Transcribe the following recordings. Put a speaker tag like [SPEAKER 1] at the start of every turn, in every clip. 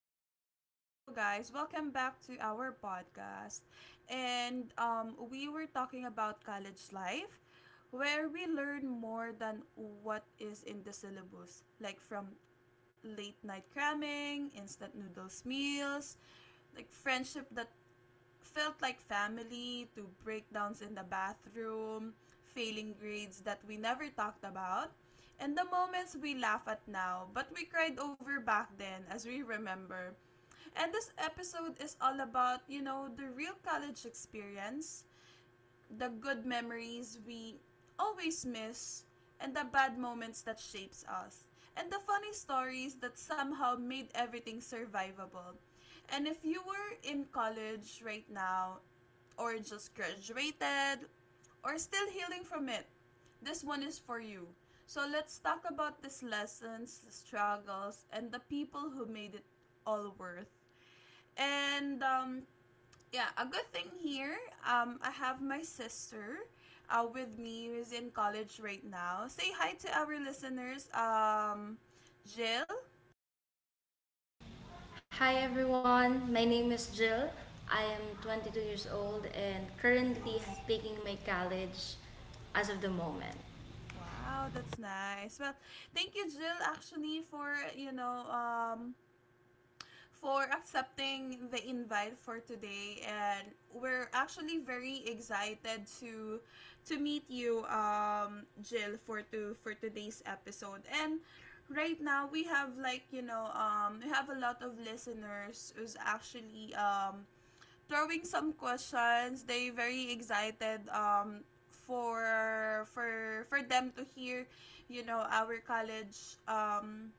[SPEAKER 1] Hi, hello guys. Welcome back to our podcast. And we were talking about college life where we learn more than what is in the syllabus, like from late night cramming, instant noodles meals, like friendship that felt like family to breakdowns in the bathroom, failing grades that we never talked about, and the moments we laugh at now but we cried over back then as we remember. And this episode is all about the real college experience, the good memories we always miss, and the bad moments that shapes us, and the funny stories that somehow made everything survivable. And if you were in college right now, or just graduated, or still healing from it, this one is for you. So let's talk about these lessons, struggles, and the people who made it all worth. And yeah, a good thing here. I have my sister with me who's in college right now. Say hi to our listeners. Jill.
[SPEAKER 2] Hi everyone, my name is Jill. I am 22 years old and currently
[SPEAKER 1] Nice.
[SPEAKER 2] taking my college as of the moment.
[SPEAKER 1] Wow, that's nice. Well, thank you, Jill, actually, for accepting the invite for today, and we're actually very excited to meet you, Jill, for today's episode. And right now we have like you know we have a lot of listeners who's actually throwing some questions. They very excited for them to hear, you know, our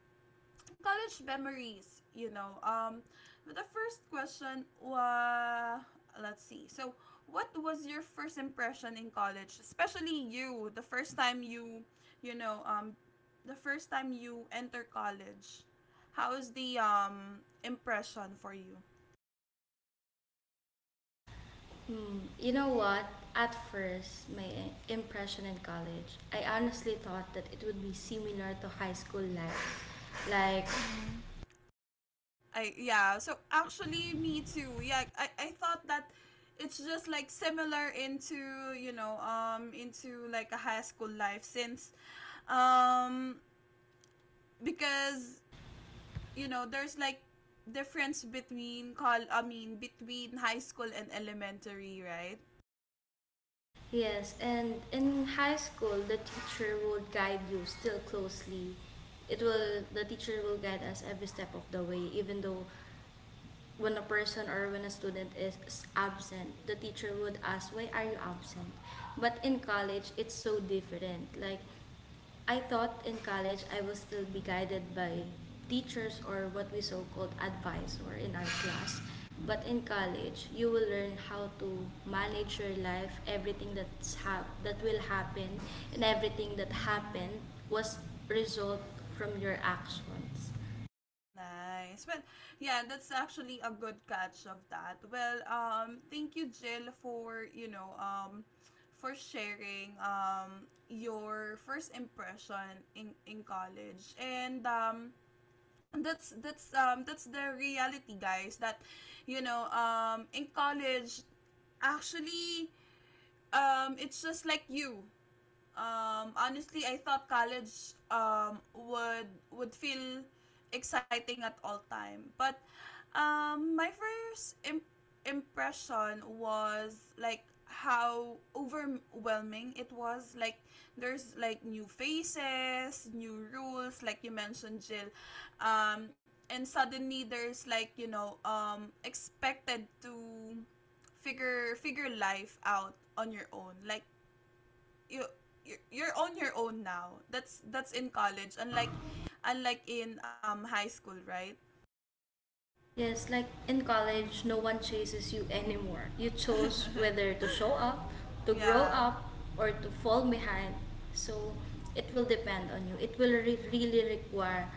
[SPEAKER 1] college memories. But the first question, let's see. So, what was your first impression in college, especially you, the first time you, you know, the first time you enter college? How is the impression for you?
[SPEAKER 2] You know what? At first, my impression in college, I honestly thought that it would be similar to high school life. Like...
[SPEAKER 1] Mm-hmm. I yeah. So actually, me too. Yeah, I thought that it's just like similar into you know into like a high school life, since um because there's like difference between call I mean between high school and elementary, right?
[SPEAKER 2] Yes, and in high school, the teacher would guide you still closely. It will the teacher will guide us every step of the way, even though when a person or when a student is absent, the teacher would ask, "Why are you absent?" But in college, it's so different. Like, I thought in college I would still be guided by teachers or what we so called advice or in our class. But in college, you will learn how to manage your life, everything that's that will happen, and everything that
[SPEAKER 1] Mhm.
[SPEAKER 2] happened was result from your actions.
[SPEAKER 1] Nice. Well, yeah, that's actually a good catch of that. Well, thank you, Jill, for sharing your first impression in college. And that's the reality, guys, that in college, actually, it's just like you. Honestly, I thought college, would feel exciting at all time. But my first impression was like how overwhelming it was. Like there's like new faces, new rules, like you mentioned, Jill. Um, and suddenly there's like, expected to figure life out on your own. Like you you're on your own now. That's in college, unlike in high school, right?
[SPEAKER 2] Yes, like in college, no
[SPEAKER 1] Mm-hmm.
[SPEAKER 2] one chases you anymore. You chose whether to show up, to grow
[SPEAKER 1] yeah.
[SPEAKER 2] up, or to fall behind. So it will depend on you. It will really require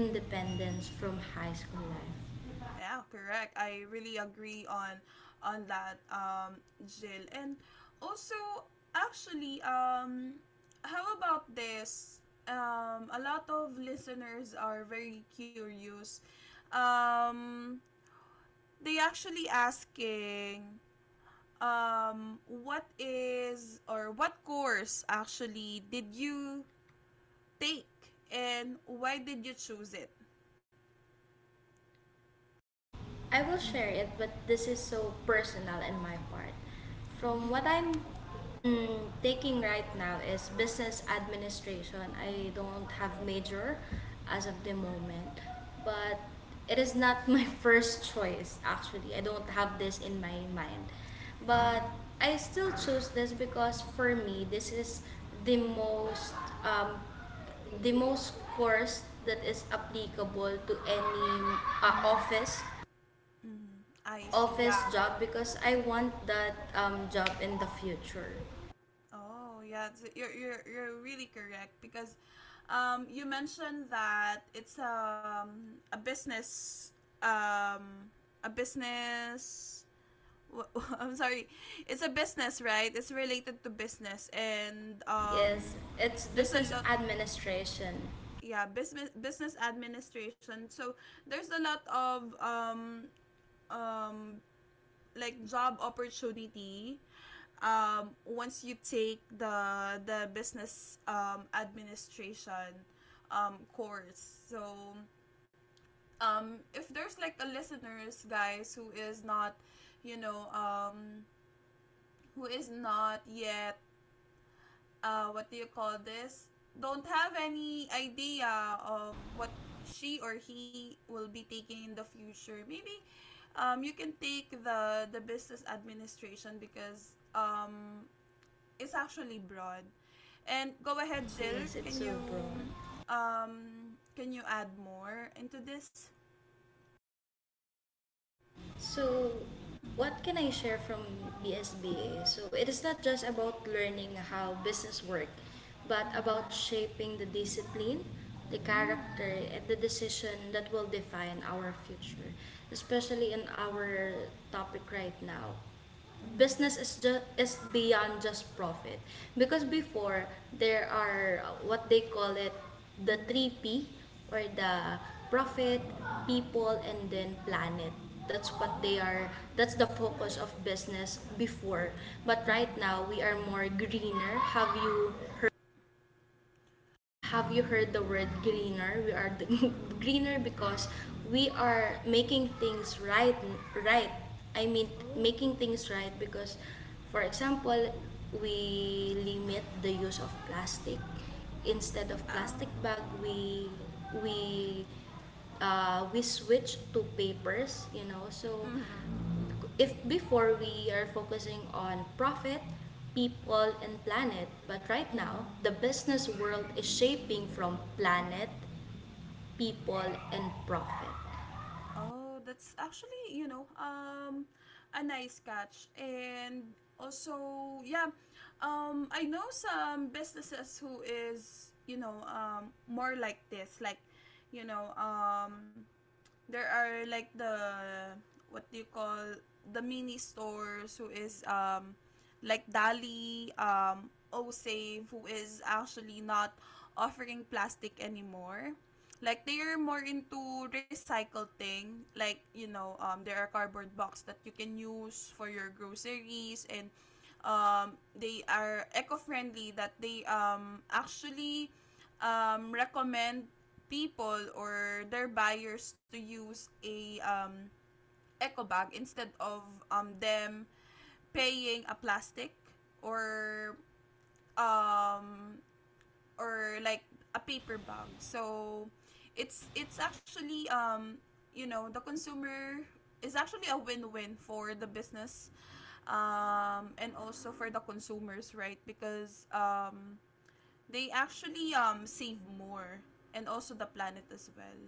[SPEAKER 1] Mm-hmm.
[SPEAKER 2] from high school life.
[SPEAKER 1] Yeah, correct. I really agree on that, Jill. And also, actually, how about this? A lot of listeners are very curious. Um, they actually asking, what is or what course actually did you take, and why did you choose it?
[SPEAKER 2] I will share
[SPEAKER 1] Mm-hmm.
[SPEAKER 2] it, but this is so personal in my part. From
[SPEAKER 1] Mm-hmm.
[SPEAKER 2] what I'm taking right now is business administration. I
[SPEAKER 1] Oh.
[SPEAKER 2] don't have major as of the
[SPEAKER 1] Mm-hmm.
[SPEAKER 2] moment, but it is not my first choice actually. I don't have this in my mind.
[SPEAKER 1] Mm-hmm.
[SPEAKER 2] But I still choose this because for me this is the
[SPEAKER 1] Mm-hmm.
[SPEAKER 2] most um, the most course that is applicable to any uh,
[SPEAKER 1] Mm-hmm.
[SPEAKER 2] office
[SPEAKER 1] Mm-hmm. I see.
[SPEAKER 2] office
[SPEAKER 1] Yeah.
[SPEAKER 2] job because I want that job in the future.
[SPEAKER 1] Oh, yeah. So you're really correct because, you mentioned that it's um, a business wh- I'm sorry. It's a business, right? It's related to business and
[SPEAKER 2] Yes, it's
[SPEAKER 1] there's a
[SPEAKER 2] business
[SPEAKER 1] lot.
[SPEAKER 2] administration.
[SPEAKER 1] Yeah, business administration. So there's a lot of um like job opportunity once you take the business administration course. So if there's like a listeners guys who is not you know who is not yet, what do you call this? Don't have any idea of what she or he will be taking in the future. Maybe you can take the business administration because, it's actually broad. And go ahead, Jill.
[SPEAKER 2] Yes, it's
[SPEAKER 1] Can
[SPEAKER 2] so broad.
[SPEAKER 1] you um, can you add more into this?
[SPEAKER 2] So, what can I
[SPEAKER 1] Mm-hmm.
[SPEAKER 2] share from BSBA? So, it is not just about learning how business work, but about
[SPEAKER 1] Mm-hmm.
[SPEAKER 2] shaping the discipline, the
[SPEAKER 1] Mm-hmm.
[SPEAKER 2] character, and the decision that will define our future, especially in our topic right now. Business
[SPEAKER 1] Mm-hmm.
[SPEAKER 2] is just is beyond just profit because before there are what they call it, the
[SPEAKER 1] Mm-hmm.
[SPEAKER 2] 3P, or the profit, people, and then planet. That's what they
[SPEAKER 1] Oh.
[SPEAKER 2] are, that's the focus of business before, but right
[SPEAKER 1] Mm-hmm.
[SPEAKER 2] now we are more greener. Have you, have you heard the word greener? We are the greener because we are making things right. Right. I mean,
[SPEAKER 1] Oh.
[SPEAKER 2] making things right because, for example, we limit the use of plastic. Instead of plastic
[SPEAKER 1] Ow.
[SPEAKER 2] bag, we we switch to papers, you know. So
[SPEAKER 1] Mm-hmm.
[SPEAKER 2] if before we are focusing on profit, people, and planet, but right now
[SPEAKER 1] Mm.
[SPEAKER 2] the business world is shaping from planet, people, and profit.
[SPEAKER 1] Oh, that's actually, a nice catch. And also, yeah, I know some businesses who is, more like this. Like, you know, um, there are like the what do you call, the mini stores who is like Dali, O Save, who is actually not offering plastic anymore. Like they are more into recycle thing. Like, there are cardboard box that you can use for your groceries, and they are eco-friendly, that they actually recommend people or their buyers to use a, eco bag, instead of, them paying a plastic, or um, or like a paper bag. So it's actually, the consumer, is actually a win-win for the business, and also for the consumers, right? Because, they actually save more and also the planet as well.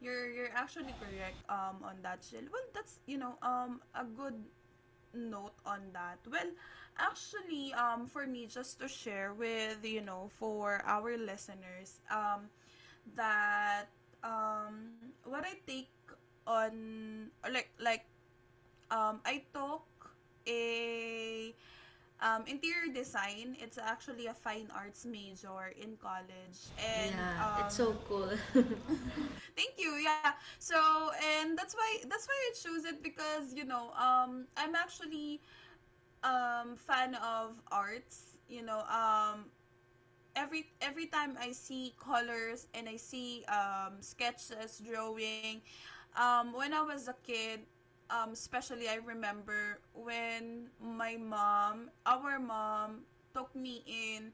[SPEAKER 1] You're actually correct on that, Jill. Well, that's a good note on that. Well, actually, for me, just to share with, for our listeners, that, what I take on like I took a, interior design. It's actually a fine arts major in college. And
[SPEAKER 2] Yeah, it's so
[SPEAKER 1] um,
[SPEAKER 2] cool.
[SPEAKER 1] thank you. Yeah. So, and that's why I chose it because, I'm actually fan of arts. Every time I see colors and I see, sketches, drawing, when I was a kid, especially, I remember when my mom, our mom, took me in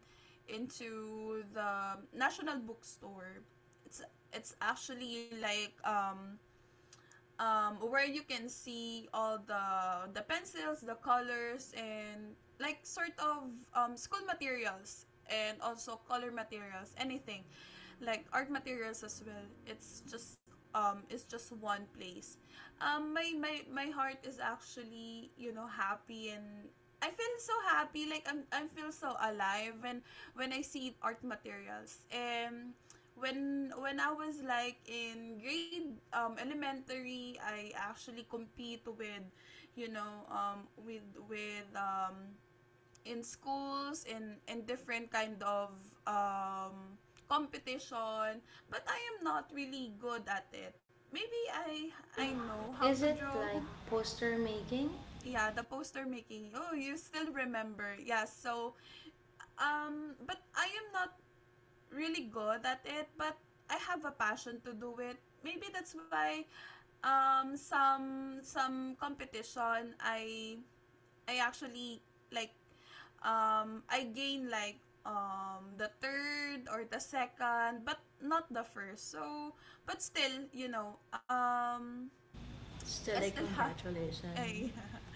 [SPEAKER 1] into the national bookstore. It's it's actually like, where you can see all the pencils, the colors, and like sort of, school materials, and also color materials, anything like art materials as well. It's just one place. My heart is actually, happy and. I feel so happy, like I feel so alive when I see art materials. And when I was like in grade, elementary, I actually compete with, you know, with in schools and in different kind of um competition, but I am not really good at it. Maybe I know how
[SPEAKER 2] Is
[SPEAKER 1] to
[SPEAKER 2] it
[SPEAKER 1] draw.
[SPEAKER 2] like poster making?
[SPEAKER 1] Yeah, the poster making. Oh, you still remember. Yeah, so but I am not really good at it, but I have a passion to do it. Maybe that's why, some competition, I actually, like, I gain like, the third or the second, but not the first. So, but still,
[SPEAKER 2] Still,
[SPEAKER 1] I
[SPEAKER 2] like,
[SPEAKER 1] still have. Eh,
[SPEAKER 2] congratulations.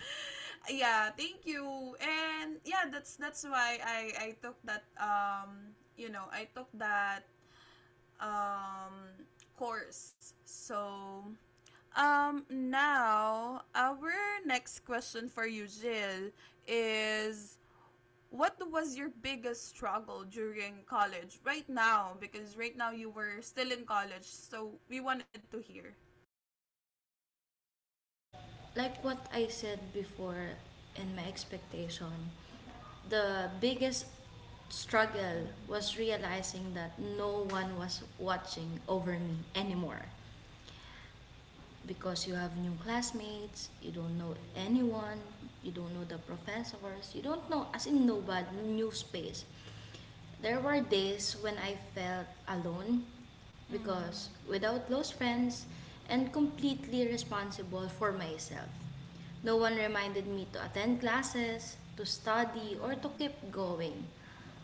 [SPEAKER 1] yeah, thank you. And yeah, that's why I took that um, course. So, now our next question for you, Jill, is: what was your biggest struggle during college right now? Because right now you were still in college, so we wanted to hear.
[SPEAKER 2] Like what I said before, in my expectation, the biggest struggle
[SPEAKER 1] Mm-hmm.
[SPEAKER 2] was realizing that no one was watching over me anymore because you have new classmates, you don't know anyone, you don't know the professors, you don't know, as in nobody, new space. There were days when I felt alone
[SPEAKER 1] Mm-hmm.
[SPEAKER 2] because without close friends and completely responsible for myself. No one reminded me to attend classes, to study, or to keep going.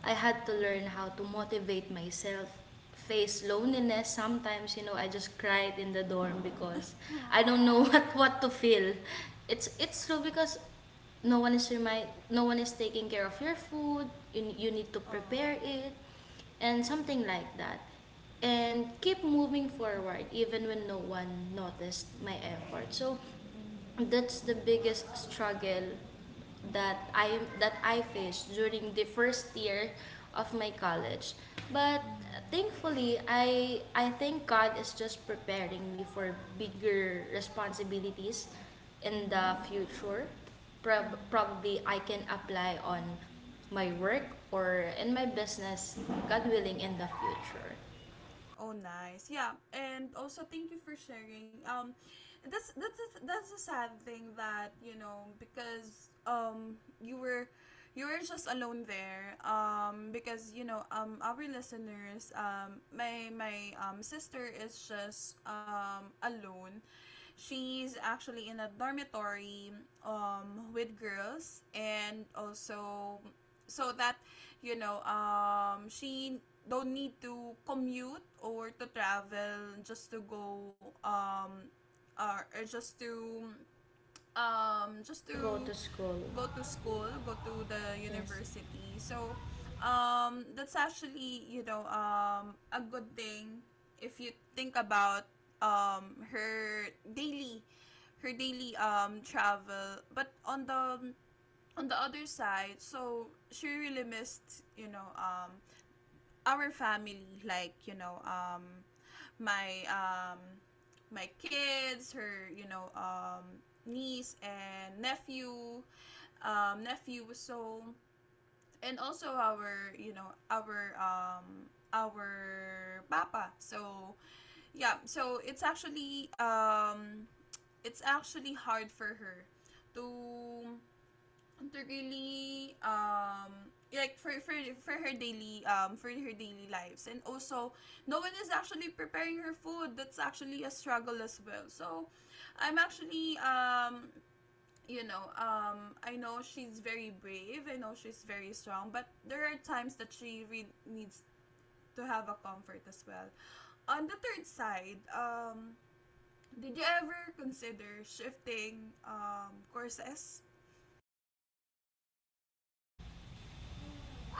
[SPEAKER 2] I had to
[SPEAKER 1] Mm-hmm.
[SPEAKER 2] learn how to motivate myself, face loneliness. Sometimes, you know, I just cried in the dorm because I don't
[SPEAKER 1] Uh-huh.
[SPEAKER 2] know what to feel. It's true because no one is taking care of your food. You need to
[SPEAKER 1] Oh. Oh.
[SPEAKER 2] prepare it and something like that. And keep moving forward
[SPEAKER 1] Mm-hmm.
[SPEAKER 2] even when no one noticed my effort. So
[SPEAKER 1] Mm-hmm.
[SPEAKER 2] that's the biggest struggle that I faced during the first year of my college. But
[SPEAKER 1] Mm-hmm. Mm-hmm.
[SPEAKER 2] thankfully, I think God is just preparing me for bigger responsibilities in the
[SPEAKER 1] Mm-hmm.
[SPEAKER 2] future.
[SPEAKER 1] Mm-hmm.
[SPEAKER 2] Probably I can apply on my work or in my business, God willing,
[SPEAKER 1] Mm-hmm.
[SPEAKER 2] in the future
[SPEAKER 1] Oh, nice. Yeah, and also thank you for sharing. That's a sad thing, that, because, you were just alone there. Because, our listeners, my sister is just alone. She's actually in a dormitory with girls, and also, so that, she don't need to commute or to travel just to go or just
[SPEAKER 2] to go
[SPEAKER 1] to
[SPEAKER 2] to school.
[SPEAKER 1] go to school, go to the
[SPEAKER 2] Yes.
[SPEAKER 1] university. So that's actually, a good thing if you think about, um her daily her daily travel. But on the other side, so she really missed, our family, like, my, my kids, her, niece and nephew, nephew. So and also our, you know, our papa. So yeah, so it's actually hard for her to to really, like, for her daily, lives and also no one is actually preparing her food. That's actually a struggle as well. So I'm actually, I know she's very brave, I know she's very strong, but there are times that she needs to have a comfort as well. On the third side, did you ever consider shifting courses?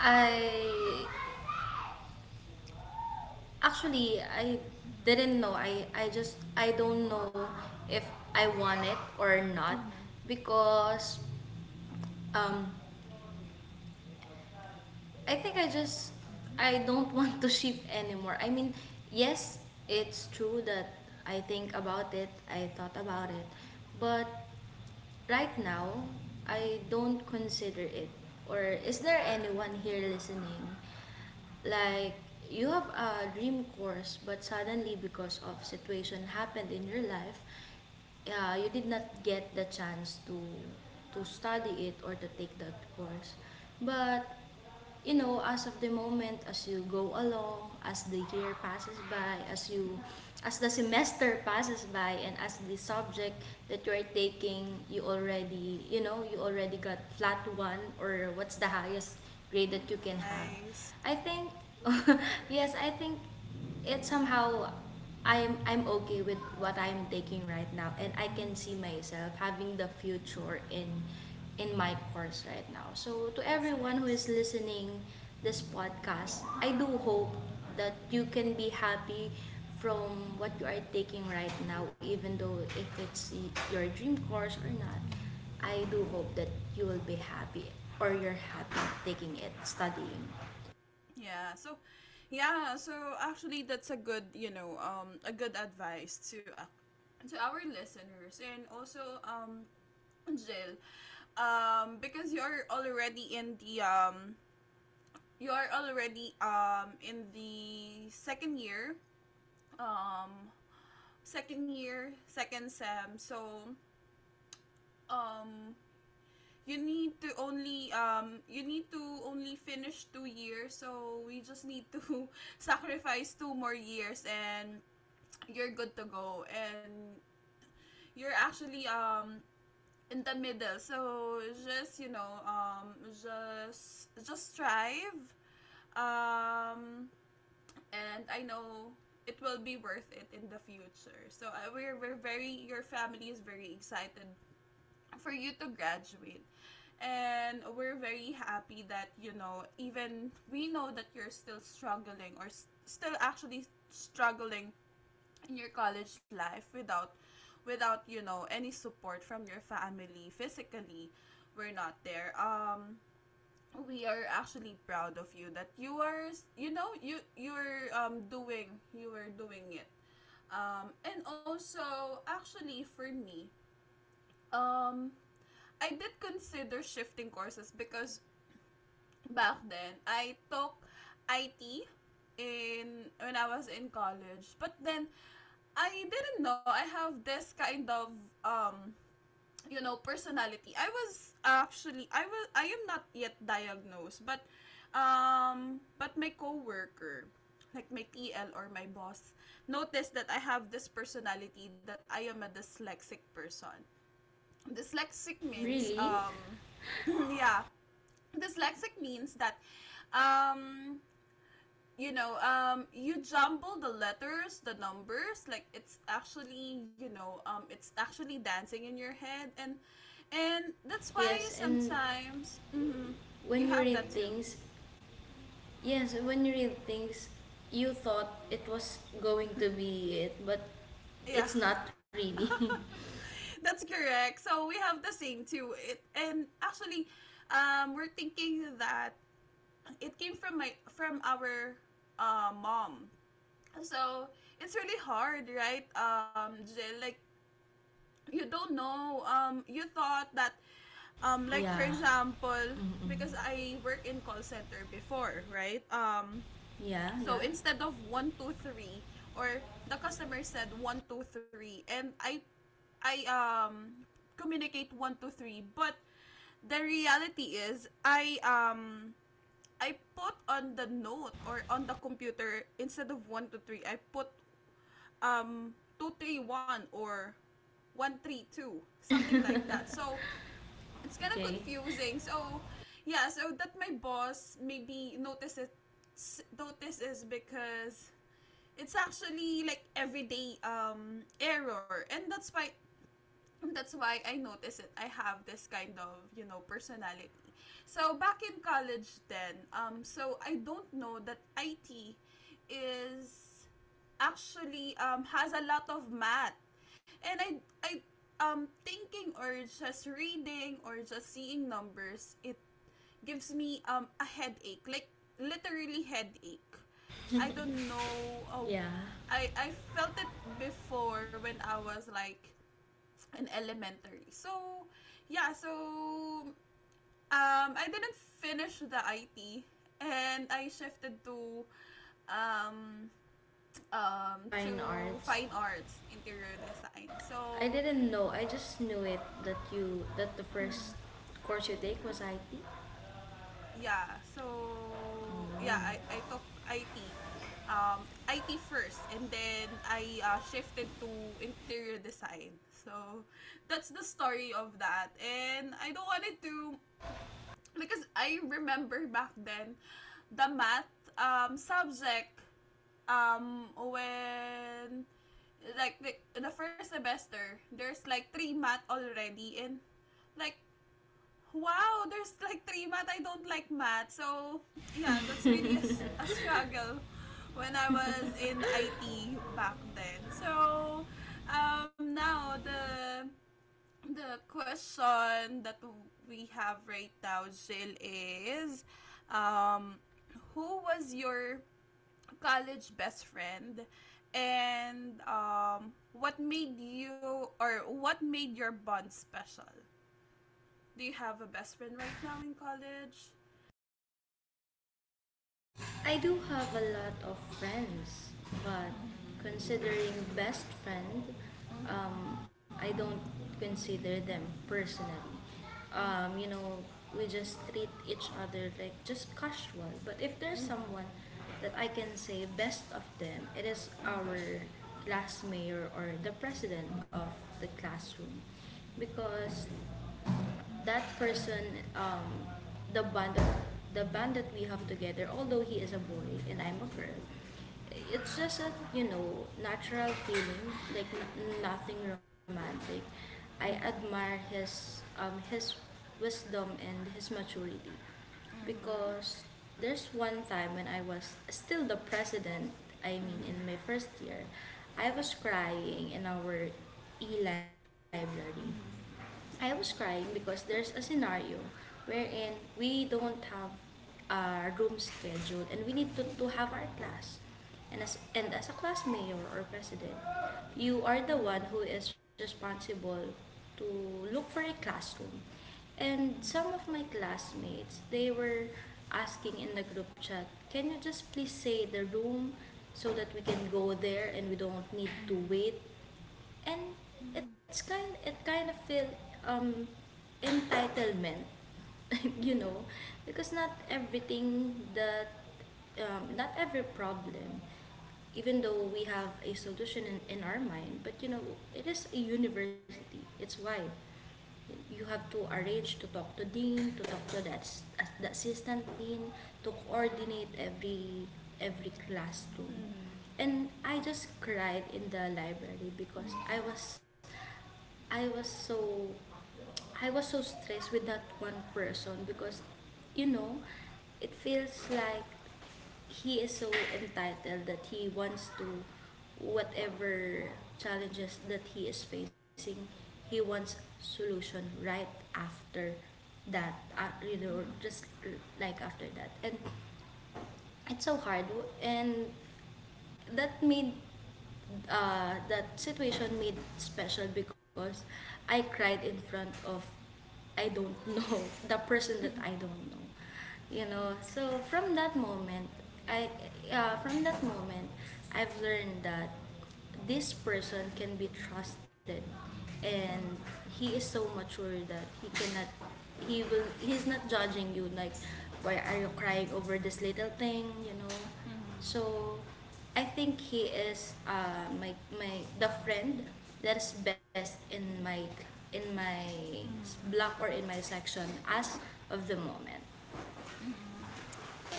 [SPEAKER 2] I Actually, I
[SPEAKER 1] Mm-hmm.
[SPEAKER 2] didn't know. I just I don't know if I want it or not
[SPEAKER 1] Mm-hmm.
[SPEAKER 2] because um I think I just
[SPEAKER 1] Mm-hmm.
[SPEAKER 2] I don't want to shift anymore. I mean, yes, it's true that I think about it, I thought about it, but right now, I don't consider it. Or is there anyone here listening? Like, you have a dream course, but suddenly because of situation happened in your life, you did not get the chance to study it or to take that course. But you know, as of the moment, as you go along, as the year passes by, as the semester passes by, and as the subject that you are taking, you already, you know, you already got flat one or what's the highest grade that you can have.
[SPEAKER 1] Nice.
[SPEAKER 2] I think, yes, I think it somehow I'm okay with
[SPEAKER 1] Mm-hmm.
[SPEAKER 2] what I'm taking right now and I can see
[SPEAKER 1] Mm-hmm.
[SPEAKER 2] myself having the future in my course right now. So to
[SPEAKER 1] That's
[SPEAKER 2] everyone who
[SPEAKER 1] nice.
[SPEAKER 2] is listening this podcast, I do hope
[SPEAKER 1] Mm-hmm.
[SPEAKER 2] that you can be happy from what
[SPEAKER 1] Mm-hmm.
[SPEAKER 2] you are taking right now even though if it's your dream course or not.
[SPEAKER 1] Mm-hmm.
[SPEAKER 2] I do hope that you will be happy or you're happy taking it studying.
[SPEAKER 1] Yeah. So, yeah. So actually, that's a good, a good advice to our listeners, and also, Jill, because you're already in the, you're already in the second year, um, second year, second sem. So um, you need to only you need to only finish 2 years, so we just need to sacrifice two more years and you're good to go. And you're actually in the middle, so just just strive um and I know it will be worth it in the future. So we're very— your family is very excited for you to graduate. And we're very happy that, you know, even we know that you're still struggling or still actually struggling in your college life without you know, any support from your family physically. We're not there. We are actually proud of you that you are you know you you're doing you were doing it. And also, actually, for me, um I did consider shifting courses because back then I took IT in— when I was in college. But then I didn't know I have this kind of um you know personality. I was actually I was I am not yet diagnosed, but my coworker, like my TL or my boss, noticed that I have this personality, that I am a dyslexic person. Dyslexic means
[SPEAKER 2] Really?
[SPEAKER 1] yeah, dyslexic means that um you know, you jumble the letters, the numbers, like it's actually, you know, it's actually dancing in your head. And that's why
[SPEAKER 2] Yes, and
[SPEAKER 1] sometimes, hmm, you
[SPEAKER 2] when you
[SPEAKER 1] have that
[SPEAKER 2] read
[SPEAKER 1] too,
[SPEAKER 2] things, yes, when you read things, you thought it was going to be it, but
[SPEAKER 1] yeah.
[SPEAKER 2] it's not really.
[SPEAKER 1] That's correct, so we have the same too, it, and actually we're thinking that it came from my— from our mom. So it's really hard, right? Jill, like you don't know. You thought that, like, for
[SPEAKER 2] Yeah.
[SPEAKER 1] example,
[SPEAKER 2] Mm-mm.
[SPEAKER 1] because I work in call center before, right?
[SPEAKER 2] Yeah,
[SPEAKER 1] So
[SPEAKER 2] yeah.
[SPEAKER 1] instead of 1 2 3, or the customer said 1 2 3, and I communicate 1 2 3, but the reality is I put on the note or on the computer, instead of 1 2 3, I put um 2 3 1 or 1 3 2, something like that. So it's kind of
[SPEAKER 2] Okay.
[SPEAKER 1] confusing. So yeah, so that my boss maybe notices. Notices because it's actually like everyday error, and that's why— and that's why I noticed it. I have this kind of, you know, personality. So back in college then, so I don't know that IT is actually, has a lot of math. And I thinking or just reading or just seeing numbers, it gives me, a headache. Like literally headache. I don't know. Oh,
[SPEAKER 2] Yeah.
[SPEAKER 1] I felt it before when I was like in elementary. So yeah, so I didn't finish the IT and I shifted um,
[SPEAKER 2] Fine
[SPEAKER 1] to fine
[SPEAKER 2] arts.
[SPEAKER 1] arts, interior design.
[SPEAKER 2] I
[SPEAKER 1] So,
[SPEAKER 2] didn't know. I just knew it that you that the
[SPEAKER 1] mhm,
[SPEAKER 2] first course you take was IT.
[SPEAKER 1] yeah, so yeah, I took IT. IT first and then I shifted to interior design. So that's the story of that. And I don't want it to, because I remember back then the math subject, when, like, the first semester there's like 3 math already. And like, wow, there's like three math, I don't like math. So yeah, that's really a— a struggle when I was in IT back then. So now the— the question that we have right now, Jill, is um, who was your college best friend, and what made you— or what made your bond special? Do you have a best friend right now in college?
[SPEAKER 2] I do have a
[SPEAKER 1] Mm-hmm.
[SPEAKER 2] lot of friends, but
[SPEAKER 1] Mm-hmm.
[SPEAKER 2] considering best friend, I don't consider them personally. You know,
[SPEAKER 1] Mm-hmm.
[SPEAKER 2] we just treat each other like just casual. But if there's
[SPEAKER 1] Mm-hmm.
[SPEAKER 2] someone that I can say best of them, it is our
[SPEAKER 1] Mm-hmm.
[SPEAKER 2] class mayor or the president of the classroom because that person,
[SPEAKER 1] Mm-hmm.
[SPEAKER 2] um the the bond that we have
[SPEAKER 1] Mm-hmm.
[SPEAKER 2] together, although he is a boy and I'm a girl, it's just a, you know, natural feeling, like nothing romantic. I admire his wisdom and his maturity because there's one time when I was still the president, I
[SPEAKER 1] Mm-hmm.
[SPEAKER 2] mean,
[SPEAKER 1] Mm-hmm.
[SPEAKER 2] in
[SPEAKER 1] Mm-hmm.
[SPEAKER 2] my first year, I was crying in our e library.
[SPEAKER 1] Mm-hmm. Mm-hmm. Mm-hmm.
[SPEAKER 2] I was crying because there's a scenario wherein we don't have our room scheduled and we need to have our class. And as a class mayor or president, you are the one who
[SPEAKER 1] Mm-hmm.
[SPEAKER 2] is responsible to look for a classroom. And some of my classmates, they were asking in the group chat, can you just please say the room so that we can go there and we don't need to
[SPEAKER 1] Mm-hmm.
[SPEAKER 2] wait, and it kind of feel um entitlement. You know, because not everything that, not every problem, even though we have a solution in our mind, but you know it is a university, it's wide. You have to arrange to talk to dean, to talk to the assistant dean, to coordinate every classroom. And I just cried in the library because I was so I was so stressed with that one person because you know it feels like he is so entitled that he wants to, whatever challenges that he is facing, he wants solution right after that you know, just like after that. And it's so hard. And that made, that situation made special because I cried in front of, I don't know, the person that I don't know, you know. So from that moment I from that moment I've learned that this person can be trusted, and he is so mature that he cannot he will he's not judging you like, why are you crying over this little thing, you know. So I think he is my the friend that is best in my, in my block or in my section as of the moment.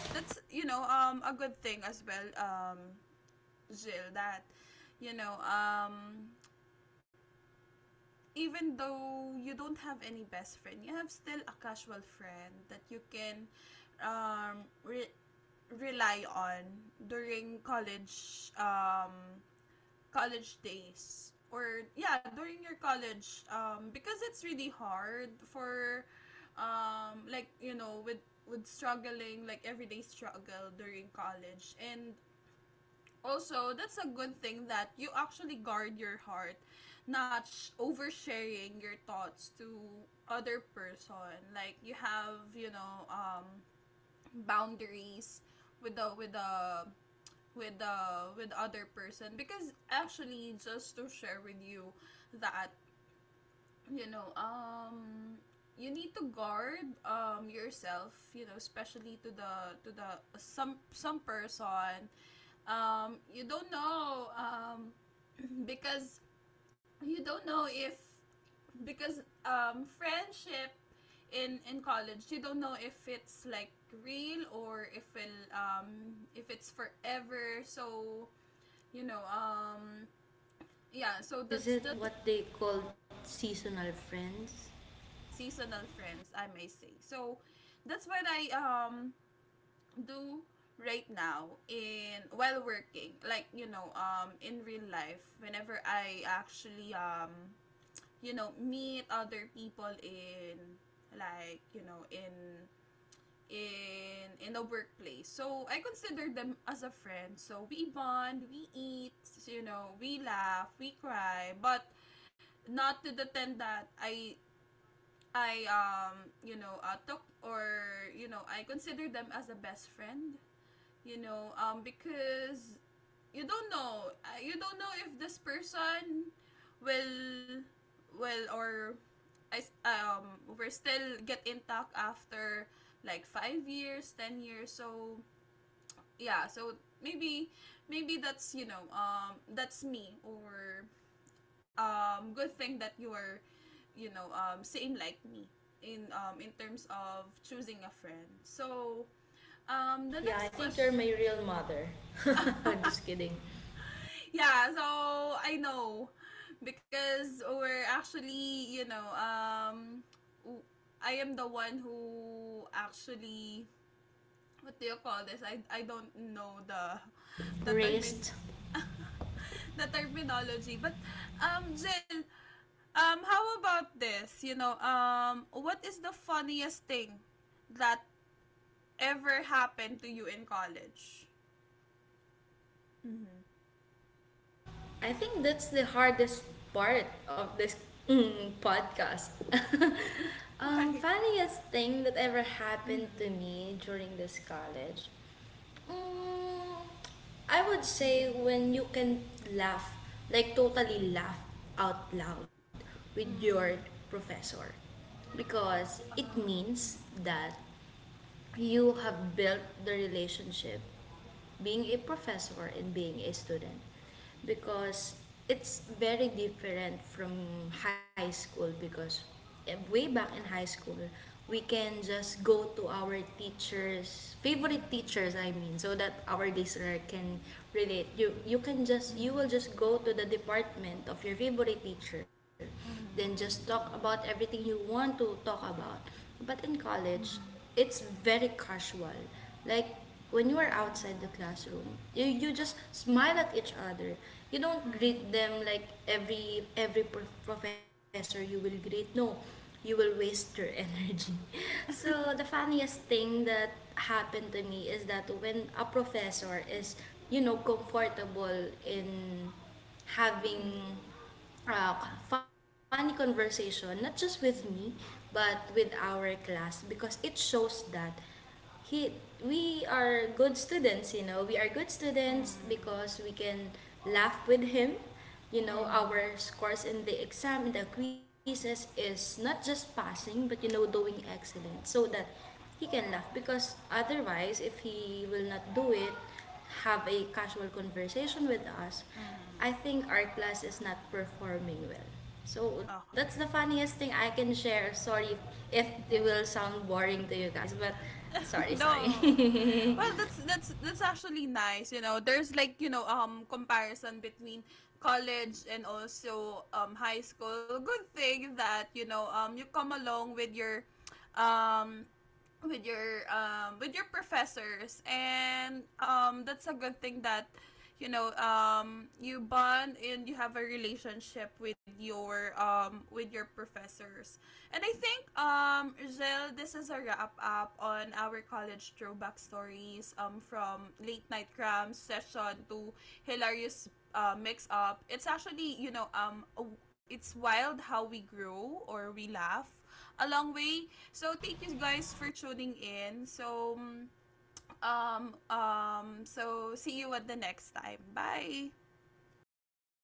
[SPEAKER 1] That's, you know, a good thing as well, Jill, that you know, even though you don't have any best friend, you have still a casual friend that you can um re- rely on during college, college days, or yeah, during your college, because it's really hard for, like, you know, with— with struggling, like everyday struggle during college. And also, that's a good thing that you actually guard your heart, not oversharing your thoughts to other person. Like, you have, you know, boundaries with the— with the with the with other person. Because actually, just to share with you that, you know, you need to guard, yourself, you know, especially to the— to the some— some person you don't know. Because you don't know if— because friendship in college, you don't know if it's like real or if it if it's forever. So you know, yeah, so
[SPEAKER 2] Is it
[SPEAKER 1] that's just—
[SPEAKER 2] what they call seasonal friends?
[SPEAKER 1] yeah, seasonal friends, I may say. So that's what I do right now in— while working, like, you know, in real life, whenever I actually, you know, meet other people in, like, you know, in in the workplace. So I consider them as a friend, so we bond, we eat, you know, we laugh, we cry. But not to the tent that I you know, took, or you know, I consider them as a best friend. You know, because you don't know, you don't know if this person will— will, or we're still get intact after like 5 years, 10 years. So yeah, so maybe— maybe that's, you know, that's me, or good thing that you are, you know, same like me in, in terms of choosing a friend. So the
[SPEAKER 2] Yeah, I
[SPEAKER 1] next
[SPEAKER 2] think you're
[SPEAKER 1] question.
[SPEAKER 2] my real mother. Just kidding.
[SPEAKER 1] Yeah, so I know, because we're actually, you know, w- I am the one who actually— what do you call this? I don't know the— the
[SPEAKER 2] Raised.
[SPEAKER 1] termin— the terminology. But Jill, how about this? You know, what is the funniest thing that ever happened to you in college? Mm-hmm.
[SPEAKER 2] I think that's the hardest part of this podcast.
[SPEAKER 1] Why?
[SPEAKER 2] Funniest thing that ever happened to
[SPEAKER 1] Mm-hmm.
[SPEAKER 2] me during this college. Mm, I would say
[SPEAKER 1] Mm-hmm.
[SPEAKER 2] when you can laugh, like totally laugh out loud with your
[SPEAKER 1] Mm.
[SPEAKER 2] professor, because it
[SPEAKER 1] Oh.
[SPEAKER 2] means that you have built the relationship being a professor and being a student, because it's very different from high school. Because way back in high school we can just go to our teachers favorite teachers,
[SPEAKER 1] Mm.
[SPEAKER 2] I mean, so that our listener can relate. You can just, you
[SPEAKER 1] Mm.
[SPEAKER 2] will just go to the department of your favorite teacher, then just
[SPEAKER 1] Mm.
[SPEAKER 2] talk about everything you want to talk about. But in college
[SPEAKER 1] Mm.
[SPEAKER 2] it's very casual, like when you are outside the
[SPEAKER 1] Yeah.
[SPEAKER 2] classroom, you just smile at each other, you don't
[SPEAKER 1] Mm. Mm.
[SPEAKER 2] greet them like every professor you will greet, no, you will waste your energy. So the funniest thing that happened to me is that when a professor is, you know, comfortable in having
[SPEAKER 1] Mm.
[SPEAKER 2] uh, funny conversation, not just with me, but with our class, because it shows that he we are good students. You know, we are good students because we can laugh with him, you know.
[SPEAKER 1] Mm.
[SPEAKER 2] Our
[SPEAKER 1] Mm.
[SPEAKER 2] scores in the exam, in the quizzes, is not just passing but, you know, doing excellent, so that he can laugh. Because otherwise, if he will not do it, have a casual conversation with us, I think our class is not performing well. So that's
[SPEAKER 1] Okay.
[SPEAKER 2] the funniest thing I can share. Sorry if it will sound boring to you guys, but sorry,
[SPEAKER 1] No.
[SPEAKER 2] sorry.
[SPEAKER 1] Well, that's actually nice, you know. There's, like, you know, comparison between college and also, high school. Good thing that, you know, you come along with your um with your, with your professors. And that's a good thing that you know, you bond and you have a relationship with your, with your professors. And I think, Jill, this is a wrap up on our college throwback stories, from late night cram session to hilarious mix up. It's actually, you know, it's wild how we grow or we laugh along way. So thank you guys for tuning in. So so see you at the next time. Bye.